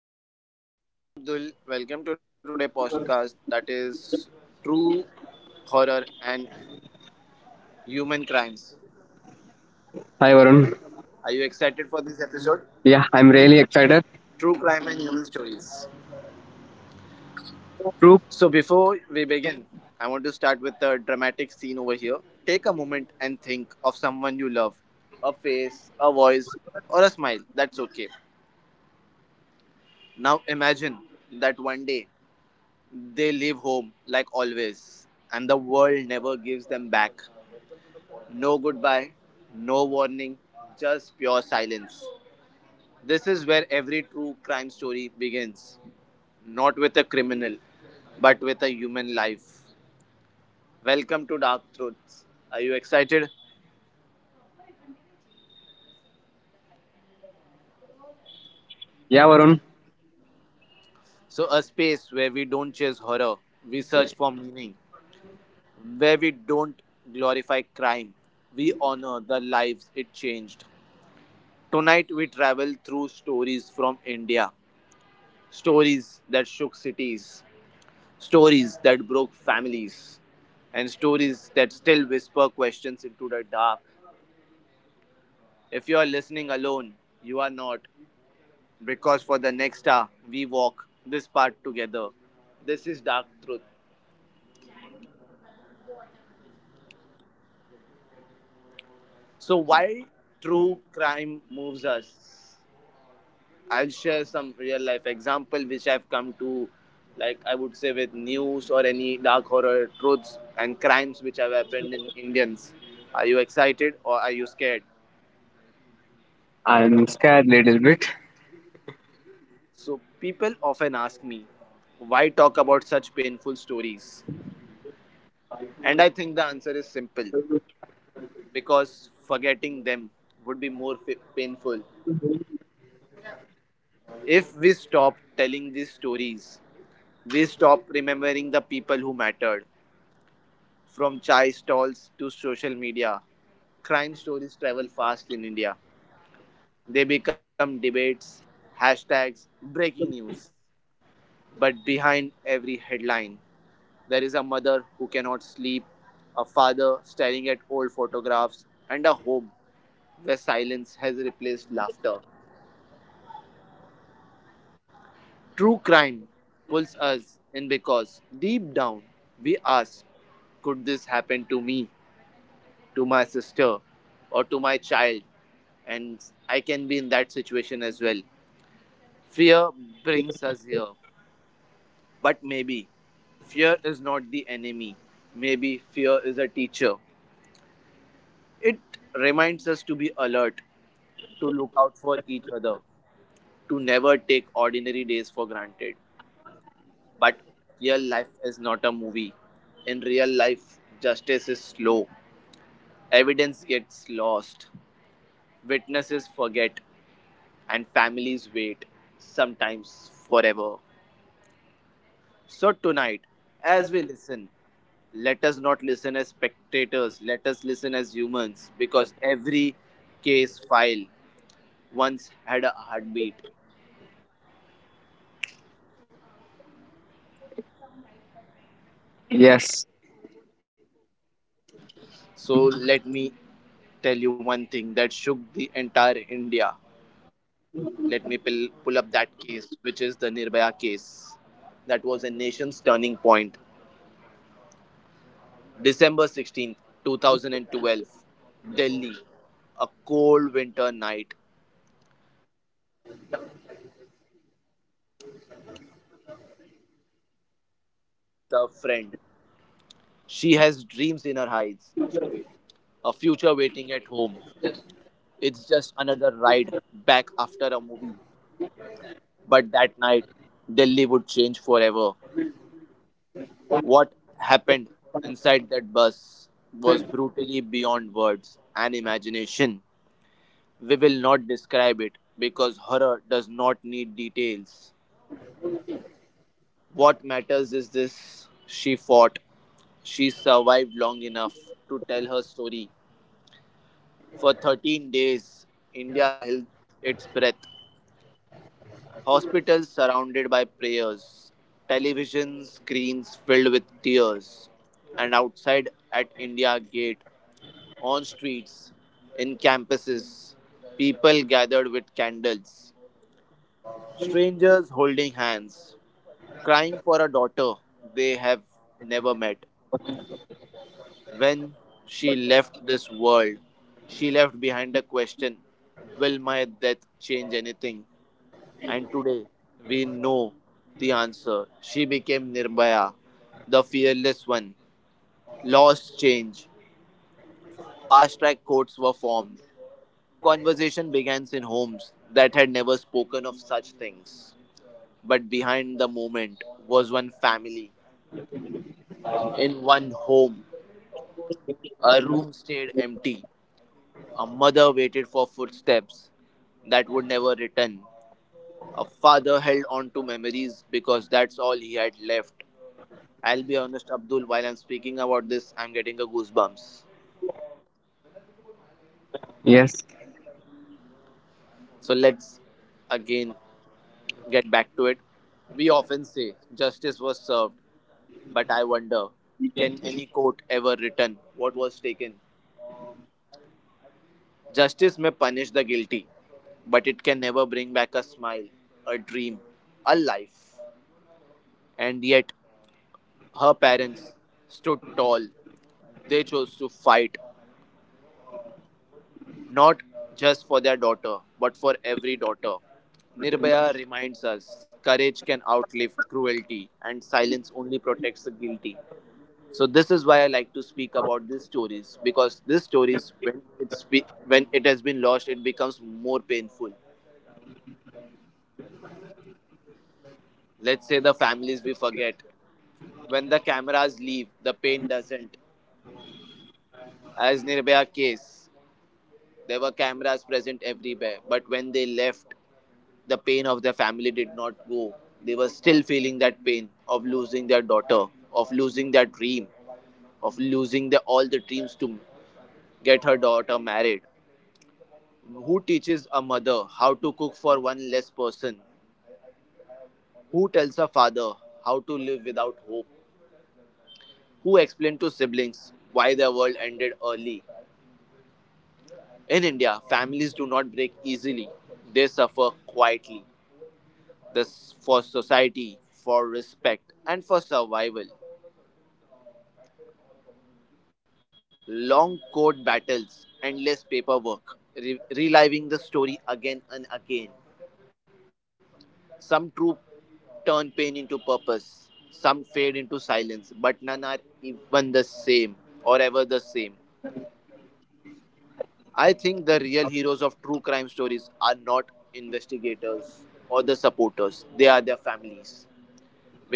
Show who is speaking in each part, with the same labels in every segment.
Speaker 1: Hi Abdul, welcome to today's podcast that is True Horror and Human Crimes. Are
Speaker 2: Hi
Speaker 1: you
Speaker 2: Varun.
Speaker 1: excited for this episode?
Speaker 2: Yeah, I'm really
Speaker 1: True Crime
Speaker 2: excited.
Speaker 1: and Human Stories. So before
Speaker 2: True.
Speaker 1: we begin, I want to start with a dramatic scene over here. Take a moment and think of someone you love, a face, a voice, or a smile. That's okay. Now imagine that one day they leave home like always and the world never gives them back. No goodbye, no warning, just pure silence. This is where every true crime story begins. Not with a criminal, but with a human life. Welcome to Dark Truths. Are you excited?
Speaker 2: Yeah, Varun.
Speaker 1: So, a space where we don't chase horror, we search for meaning, where we don't glorify crime, we honor the lives it changed. Tonight, we travel through stories from India, stories that shook cities, stories that broke families and stories that still whisper questions into the dark. If you are listening alone, you are not. Because for the next hour, we walk this path together. This is Dark Truth. So, why true crime moves us? I'll share some real life example which I've come to, like I would say, with news or any dark horror truths and crimes which have happened in Indians. Are you excited or are you scared?
Speaker 2: I'm scared little bit.
Speaker 1: So, people often ask me, why talk about such painful stories? And I think the answer is simple because forgetting them would be more painful. If we stop telling these stories, we stop remembering the people who mattered. From chai stalls to social media, crime stories travel fast in India. They become debates, hashtags, breaking news. But behind every headline there is a mother who cannot sleep, a father staring at old photographs, and a home where silence has replaced laughter. True crime pulls us in because deep down we ask, could this happen to me, to my sister, or to my child? And I can be in that situation as well. Fear brings us here, but maybe fear is not the enemy. Maybe fear is a teacher. It reminds us to be alert, to look out for each other, to never take ordinary days for granted. But real life is not a movie. In real life, justice is slow, evidence gets lost, witnesses forget, and families wait, sometimes forever. So, tonight, as we listen, let us not listen as spectators, let us listen as humans, because every case file once had a heartbeat.
Speaker 2: Yes.
Speaker 1: So, let me tell you one thing that shook the entire India. Let me pull up that case, which is the Nirbhaya case. That was a nation's turning point. December 16th, 2012, Delhi. A cold winter night. A young medical student boards a bus with her friend. She has dreams in her eyes, a future waiting at home. It's just another ride back after a movie. But that night, Delhi would change forever. What happened inside that bus was brutally beyond words and imagination. We will not describe it because horror does not need details. What matters is this she fought. She survived long enough to tell her story. For 13 days, India held its breath. Hospitals surrounded by prayers, television screens filled with tears, and outside at India Gate, on streets, in campuses, people gathered with candles, strangers holding hands, crying for a daughter they have never met. When she left this world, she left behind a question: will my death change anything? And today, we know the answer. She became Nirbhaya, the fearless one. Laws changed. Fast track courts were formed. Conversation begins in homes that had never spoken of such things. But behind the moment was one family. In one home, a room stayed empty. A mother waited for footsteps that would never return. A father held on to memories because that's all he had left. I'll be honest, Abdul, while I'm speaking about this, I'm getting a goosebumps.
Speaker 2: Yes.
Speaker 1: So let's again get back to it. We often say justice was served, but I wonder can any court ever return what was taken? Justice may punish the guilty, but it can never bring back a smile, a dream, a life. And yet, her parents stood tall. They chose to fight, not just for their daughter, but for every daughter. Nirbhaya reminds us courage can outlive cruelty, and silence only protects the guilty. So this is why I like to speak about these stories because these stories, when it has been lost, it becomes more painful. Let's say the families we forget. When the cameras leave, the pain doesn't. As Nirbhaya case, there were cameras present everywhere, but when they left, the pain of the family did not go. They were still feeling that pain of losing their daughter, of losing their dream, of losing all the dreams to get her daughter married. Who teaches a mother how to cook for one less person? Who tells a father how to live without hope? Who explains to siblings why their world ended early? In India, families do not break easily, they suffer quietly. This for society, for respect, and for survival. Long court battles, endless paperwork, reliving the story again and again. Some truth turn pain into purpose, some fade into silence, but none are even the same or ever the same. I think the real heroes of true crime stories are not investigators or the supporters, they are their families.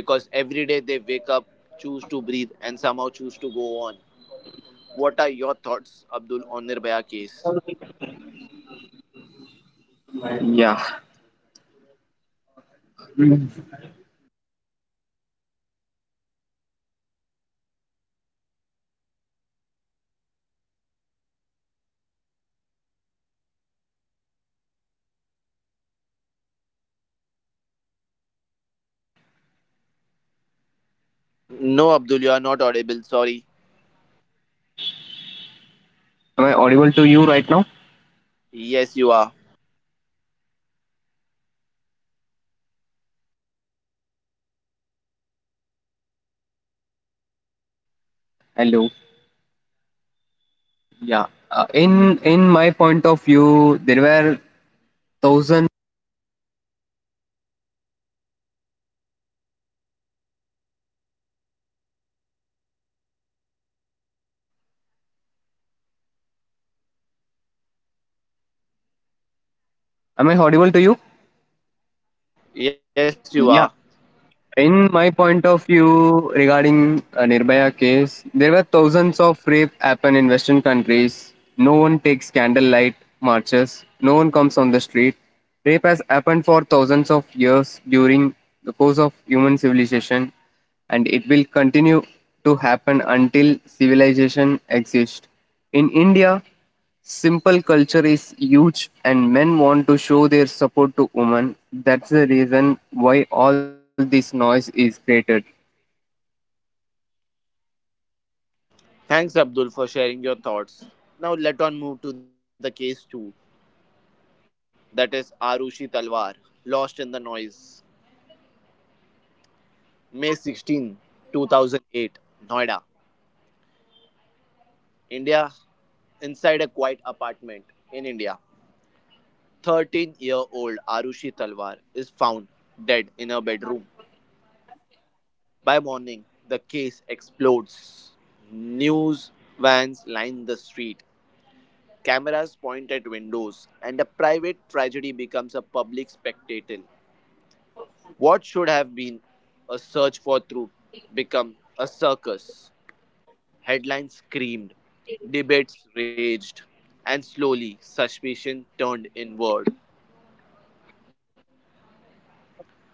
Speaker 1: Because every day they wake up, choose to breathe, and somehow choose to go on. What are your thoughts, Abdul, on Nirbhaya case?
Speaker 2: Yeah.
Speaker 1: No, Abdul, you are not audible. Sorry.
Speaker 2: Am I audible to you right now?
Speaker 1: Yes, you are.
Speaker 2: Hello. Yeah. In my point of view, there were thousand. Am I audible to you?
Speaker 1: Yes, you are.
Speaker 2: Yeah. In my point of view regarding Nirbhaya case, there were thousands of rape happen in Western countries. No one takes candlelight marches. No one comes on the street. Rape has happened for thousands of years during the course of human civilization, and it will continue to happen until civilization exists. In India, simple culture is huge, and men want to show their support to women. That's the reason why all this noise is created.
Speaker 1: Thanks, Abdul, for sharing your thoughts. Now let on move to the case two, that is Arushi Talwar, lost in the noise. May 16, 2008, Noida, India, inside a quiet apartment in India. 13 year old Arushi Talwar is found dead in her bedroom. By morning, the case explodes. News vans line the street, cameras point at windows, and a private tragedy becomes a public spectacle. What should have been a search for truth become a circus. Headlines screamed, debates raged, and slowly suspicion turned inward.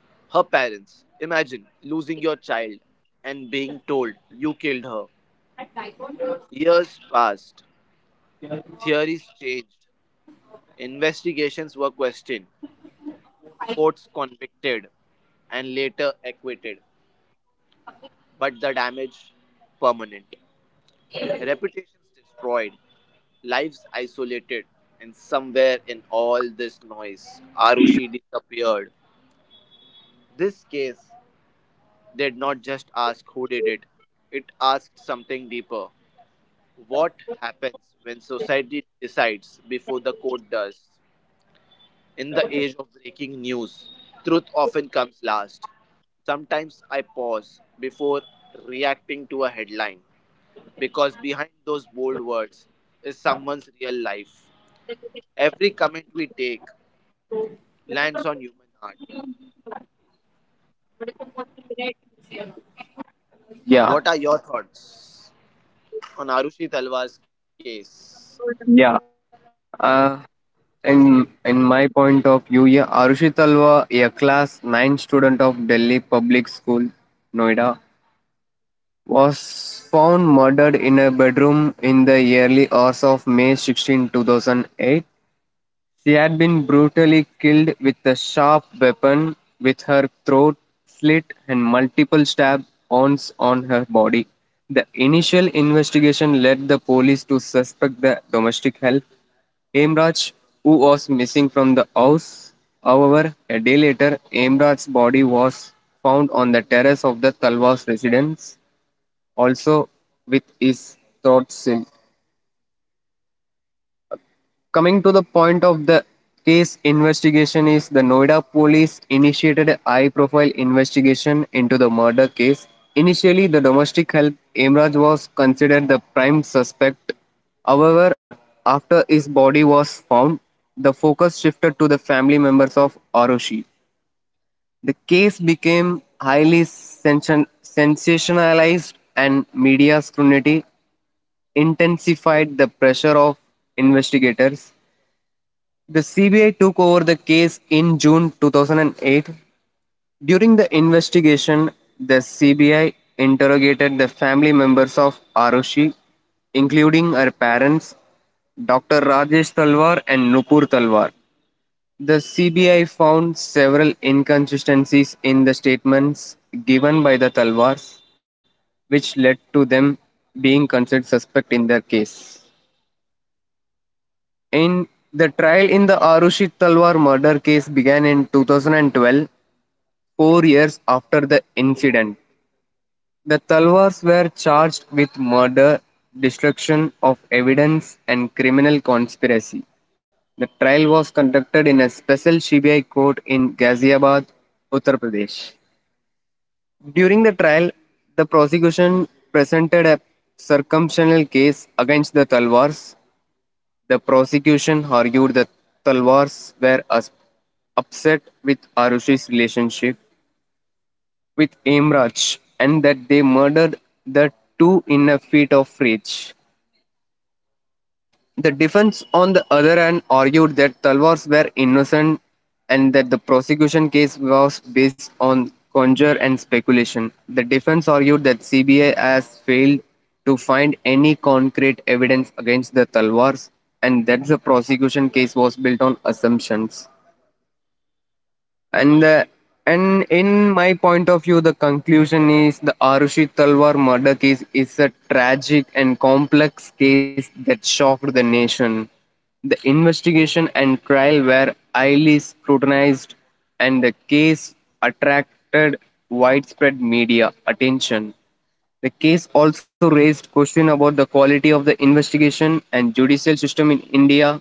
Speaker 1: Her parents, imagine losing your child and being told you killed her. Years passed, theories changed, investigations were questioned, courts convicted, and later acquitted. But the damage permanent. Reputations destroyed, lives isolated, and somewhere in all this noise, Arushi disappeared. This case did not just ask who did it, it asked something deeper. What happens when society decides before the court does? In the age of breaking news, truth often comes last. Sometimes I pause before reacting to a headline because behind those bold words is someone's real life. Every comment we take, lands on human heart.
Speaker 2: Yeah,
Speaker 1: What are your thoughts on Arushi Talwar's case?
Speaker 2: yeah. Uh, in my point of view, yeah, Arushi Talwa, a class nine student of Delhi Public School, Noida, was found murdered in a bedroom in the early hours of May 16, 2008. She had been brutally killed with a sharp weapon, with her throat slit and multiple stab wounds on her body. The initial investigation led the police to suspect the domestic help, Aimraj, who was missing from the house. However, a day later, Aimraj's body was found on the terrace of the Talwas residence, also with his throat slit. Coming to the point of the case investigation is the Noida police initiated a high profile investigation into the murder case. Initially the domestic help Imraj was considered the prime suspect. However, after his body was found, the focus shifted to the family members of Arushi. The case became highly sensationalized and media scrutiny intensified the pressure of investigators. The CBI took over the case in June 2008. During the investigation, the CBI interrogated the family members of Arushi, including her parents, Dr. Rajesh Talwar and Nupur Talwar. The CBI found several inconsistencies in the statements given by the Talwars, which led to them being considered suspect in their case. In the trial in the Arushit Talwar murder case began in 2012, 4 years after the incident. The Talwars were charged with murder, destruction of evidence, and criminal conspiracy. The trial was conducted in a special CBI court in Ghaziabad, Uttar Pradesh. During the trial, the prosecution presented a circumstantial case against the Talwars. The prosecution argued that Talwars were us- upset with Arushi's relationship with Imraj and that they murdered the two in a fit of rage. The defense, on the other hand, argued that Talwars were innocent and that the prosecution case was based on conjecture and speculation. The defense argued that CBI has failed to find any concrete evidence against the Talwars and that the prosecution case was built on assumptions and the and in my point of view the conclusion is the Arushi Talwar murder case is a tragic and complex case that shocked the nation. The investigation and trial were highly scrutinized and the case attracted widespread media attention. The case also raised question about the quality of the investigation and judicial system in India.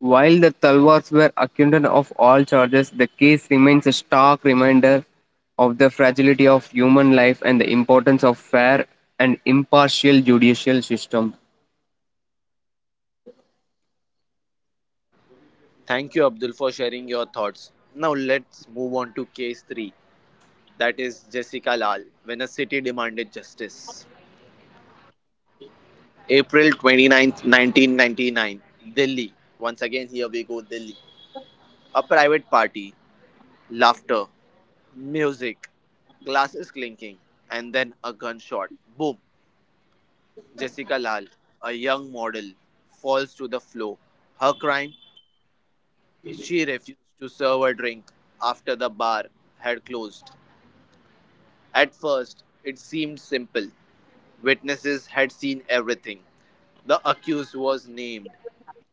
Speaker 2: While the Talwars were acquitted of all charges, the case remains a stark reminder of the fragility of human life and the importance of fair and impartial judicial system.
Speaker 1: Thank you, Abdul, for sharing your thoughts. Now let's move on to case 3, that is Jessica Lal, when a city demanded justice. April 29th, 1999, Delhi. Once again, here we go, Delhi. A private party, laughter, music, glasses clinking, and then a gunshot. Boom. Jessica Lal, a young model, falls to the floor. Her crime? She refused to serve a drink after the bar had closed. At first, it seemed simple. Witnesses had seen everything. The accused was named,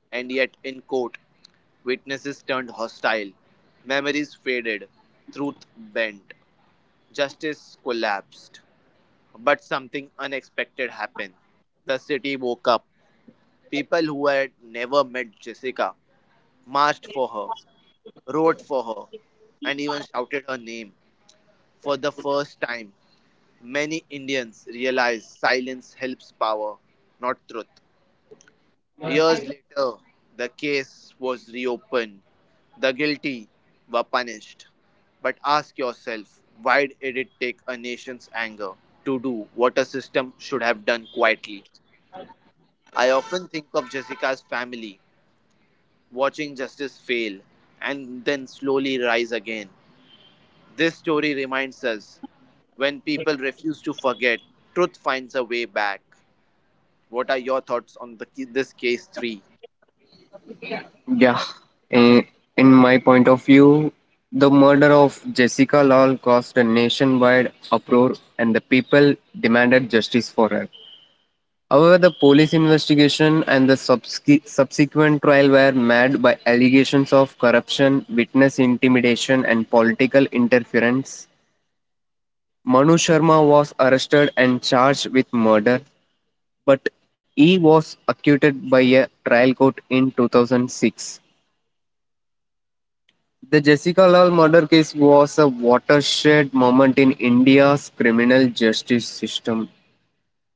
Speaker 1: and yet in court, witnesses turned hostile. Memories faded, truth bent, justice collapsed. But something unexpected happened. The city woke up. People who had never met Jessica marched for her, wrote for her, and even shouted her name. For the first time, many Indians realized silence helps power, not truth. Years later, the case was reopened. The guilty were punished. But ask yourself, why did it take a nation's anger to do what a system should have done quietly? I often think of Jessica's family watching justice fail and then slowly rise again. This story reminds us when people refuse to forget, truth finds a way back. What are your thoughts on the this case 3?
Speaker 2: Yeah, in, in my point of view, the murder of Jessica Lawl caused a nationwide uproar, and the people demanded justice for her. However, the police investigation and the subsequent trial were marred by allegations of corruption, witness intimidation, and political interference. Manu Sharma was arrested and charged with murder, but he was acquitted by a trial court in 2006. The Jessica Lal murder case was a watershed moment in India's criminal justice system,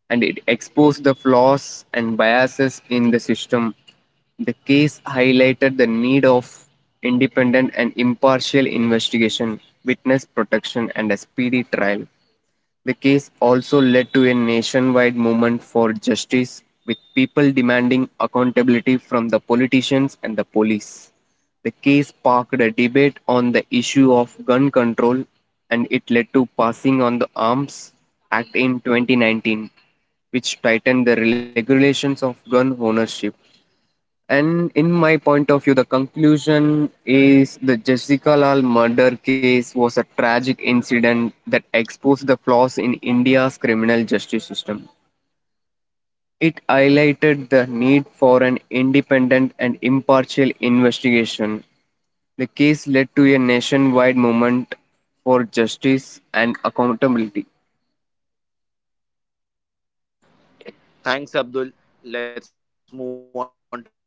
Speaker 2: and it exposed the flaws and biases in the system. The case highlighted the need of independent and impartial investigation, witness protection, and a speedy trial. The case also led to a nationwide movement for justice, with people demanding accountability from the politicians and the police. The case sparked a debate on the issue of gun control and it led to passing on the Arms Act in 2019, which tightened the regulations of gun ownership. And in my point of view, the conclusion is the Jessica Lal murder case was a tragic incident that exposed the flaws in India's criminal justice system. It highlighted the need for an independent and impartial investigation. The case led to a nationwide movement for justice and accountability.
Speaker 1: Thanks, Abdul. Let's move on to case 4.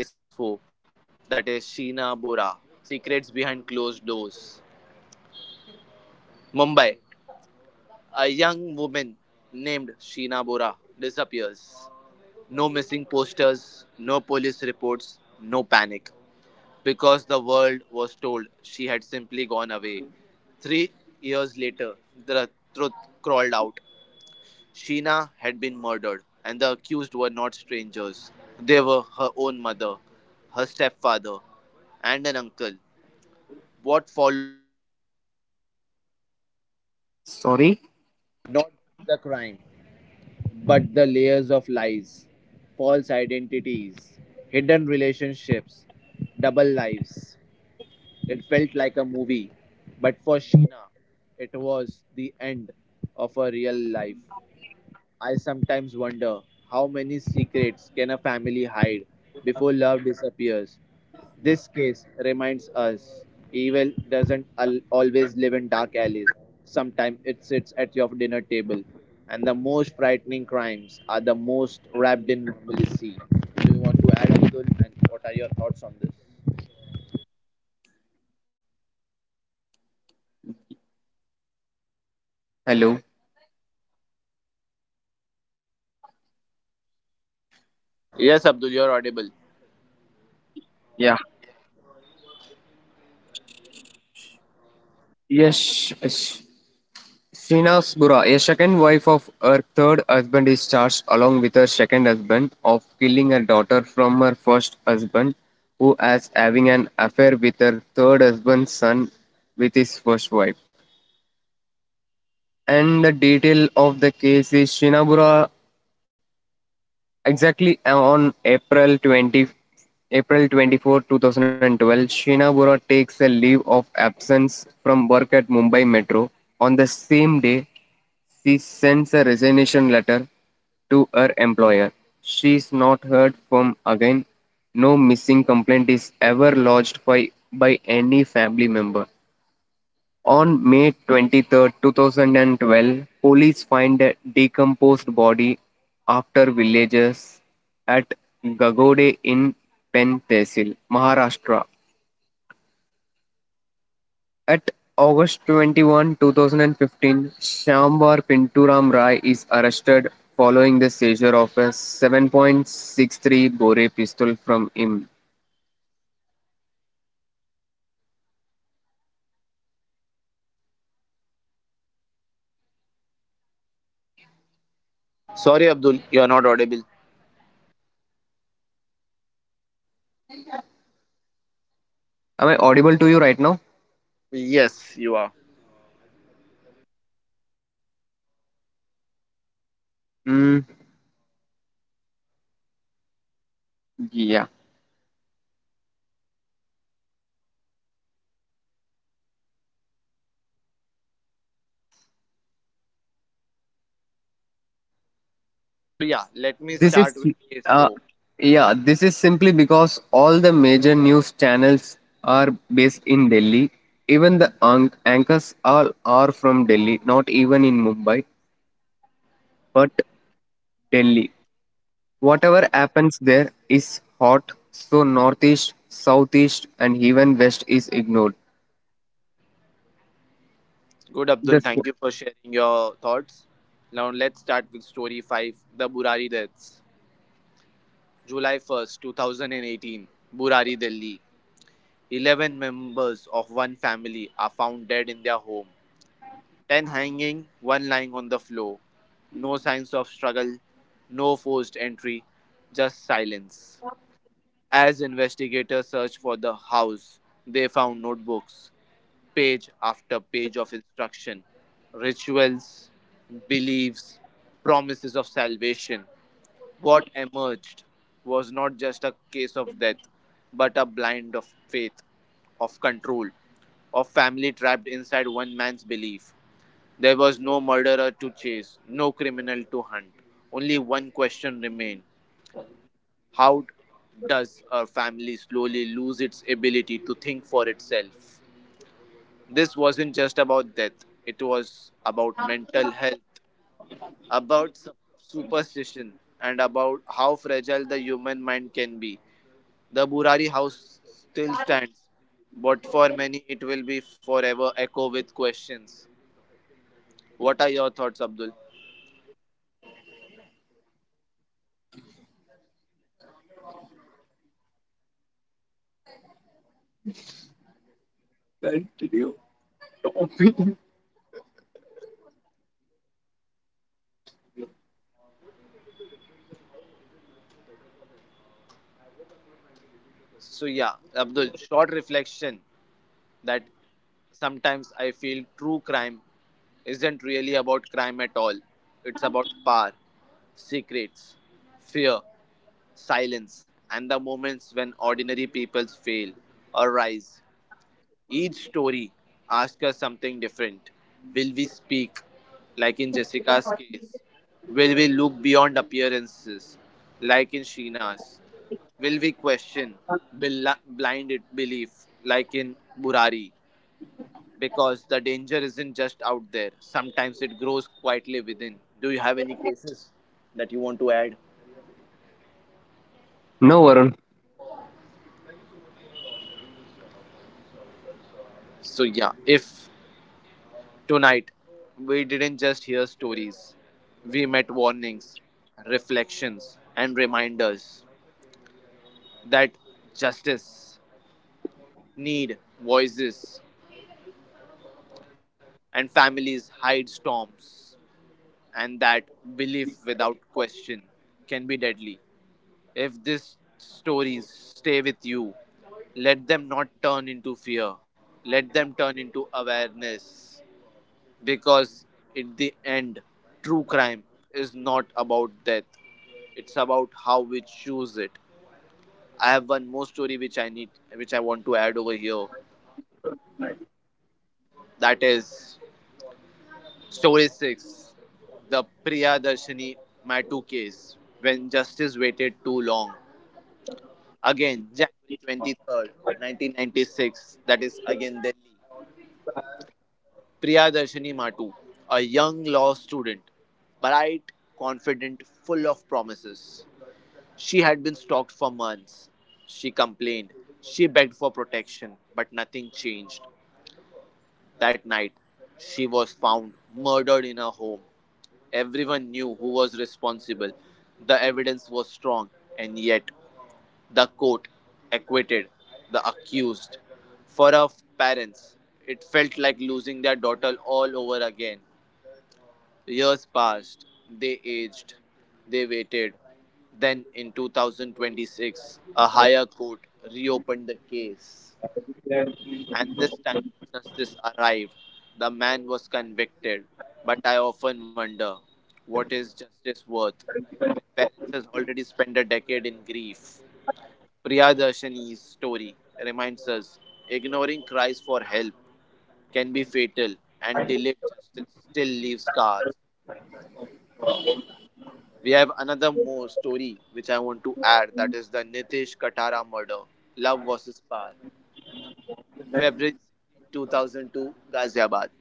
Speaker 1: That is Sheena Bora, Secrets Behind Closed Doors. Mumbai, a young woman named Sheena Bora disappears. No missing posters, no police reports, no panic. Because the world was told she had simply gone away. 3 years later, the truth crawled out. Sheena had been murdered, and the accused were not strangers. They were her own mother, her stepfather, and an uncle. What followed?
Speaker 2: Sorry?
Speaker 3: Not the crime, but the layers of lies, false identities, hidden relationships, double lives. It felt like a movie, but for Sheena, it was the end of a real life. I sometimes wonder how many secrets can a family hide before love disappears. This case reminds us evil doesn't always live in dark alleys. Sometimes it sits at your dinner table, and the most frightening crimes are the most wrapped in normalcy. Do you want to add, Abdul? And what are your thoughts on this?
Speaker 2: Hello?
Speaker 3: Yes, Abdul, you're audible.
Speaker 2: Yeah. Yes. Yes. Srinivas Bura, a second wife of her third husband, is charged along with her second husband of killing her daughter from her first husband, who as having an affair with her third husband's son with his first wife. And the detail of the case is Srinivas exactly on April 20, April 24, 2012, Sheena Bora takes a leave of absence from work at Mumbai Metro. On the same day, she sends a resignation letter to her employer. She is not heard from again. No missing complaint is ever lodged by any family member. On May 23, 2012, police find a decomposed body after villagers at Gagode in Pen Tehsil, Maharashtra. At August 21, 2015, Shambar Pinturam Rai is arrested following the seizure of a 7.63 bore pistol from him.
Speaker 3: Sorry, Abdul, you're not audible.
Speaker 2: Am I audible to you right now?
Speaker 3: Yes, you are.
Speaker 2: Mm, yeah.
Speaker 3: Let me
Speaker 2: This
Speaker 3: start
Speaker 2: is
Speaker 3: with case
Speaker 2: uh,
Speaker 3: four.
Speaker 2: yeah, this is simply because all the major news channels are based in Delhi. Even the anchors all are from Delhi, not even in Mumbai, but Delhi. Whatever happens there is hot, so northeast, southeast, and even west is ignored.
Speaker 3: Good, Abdul.
Speaker 2: This
Speaker 3: Thank you for sharing your thoughts. Now let's start with story 5, the Burari deaths. July 1st, 2018, Burari, Delhi. 11 members of one family are found dead in their home. 10 hanging, 1 lying on the floor. No signs of struggle, no forced entry, just silence. As investigators searched for the house, they found notebooks, page after page of instruction, rituals, beliefs, promises of salvation. What emerged was not just a case of death, but a blind of faith, of control, of family trapped inside one man's belief. There was no murderer to chase, no criminal to hunt. Only one question remained. How does a family slowly lose its ability to think for itself? This wasn't just about death, it was about mental health, about superstition, and about how fragile the human mind can be. The Burari house still stands, but for many it will be forever echo with questions. What are your thoughts, Abdul? Abdul, short reflection that sometimes I feel true crime isn't really about crime at all, it's about power, secrets, fear, silence, and the moments when ordinary people fail or rise. Each story asks us something different. Will we speak, like in Jessica's case? Will we look beyond appearances, like in Sheena's? Will we question blinded belief, like in Burari? Because the danger isn't just out there, sometimes it grows quietly within. Do you have any cases that you want to add?
Speaker 2: no Varun.
Speaker 3: So, yeah, if Tonight, we didn't just hear stories, we met warnings, reflections, and reminders that justice, need, voices, and families hide storms, and that belief without question can be deadly. If these stories stay with you, let them not turn into fear, let them turn into awareness. Because in the end, true crime is not about death, it's about how we choose it. I have one more story which I need which I want to add over here, that is story 6, the Priyadarshini Matu case, when justice waited too long. Again, January 23rd, 1996, that is again Delhi. Priyadarshini Matu, a young law student, bright, confident, full of promises. She had been stalked for months. She complained. She begged for protection, but nothing changed. That night, she was found murdered in her home. Everyone knew who was responsible. The evidence was strong, and yet the court acquitted the accused. For her parents, it felt like losing their daughter all over again. Years passed, they aged, they waited. Then, in 2026, a higher court reopened the case. And this time, justice arrived. The man was convicted. But I often wonder, what is justice worth when parents has already spent a decade in grief? Priyadarshini's story reminds us ignoring cries for help can be fatal, and delayed justice still leaves scars. We have another more story which I want to add, that is the Nitesh Katara murder, love versus power. February 16, 2002, Ghaziabad.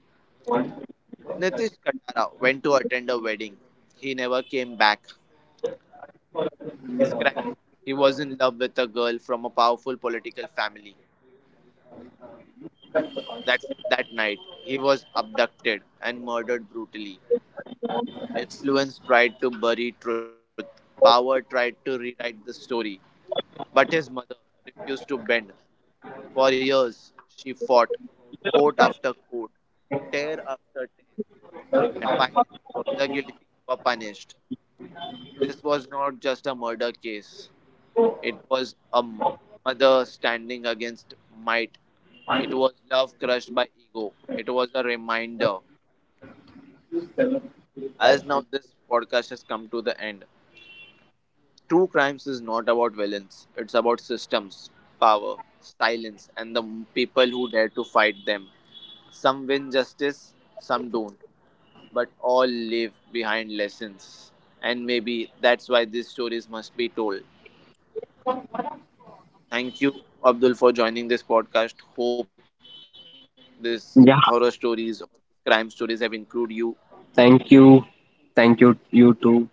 Speaker 3: Nitesh Katara went to attend a wedding. He never came back. His crime? He was in love with a girl from a powerful political family. That night, he was abducted and murdered brutally. Influence tried to bury truth. Power tried to rewrite the story, but his mother refused to bend. For years, she fought, court after court, tear after tear, and finally, the guilty were punished. This was not just a murder case, it was a mother standing against might. It was love crushed by ego. It was a reminder. As now, this podcast has come to the end. True crimes is not about villains, it's about systems, power, silence, and the people who dare to fight them. Some win justice, some don't, but all leave behind lessons. And maybe that's why these stories must be told. Thank you, Abdul, for joining this podcast. Hope these horror
Speaker 2: Yeah.
Speaker 3: stories, crime stories have included you.
Speaker 2: Thank you. Thank you. You too.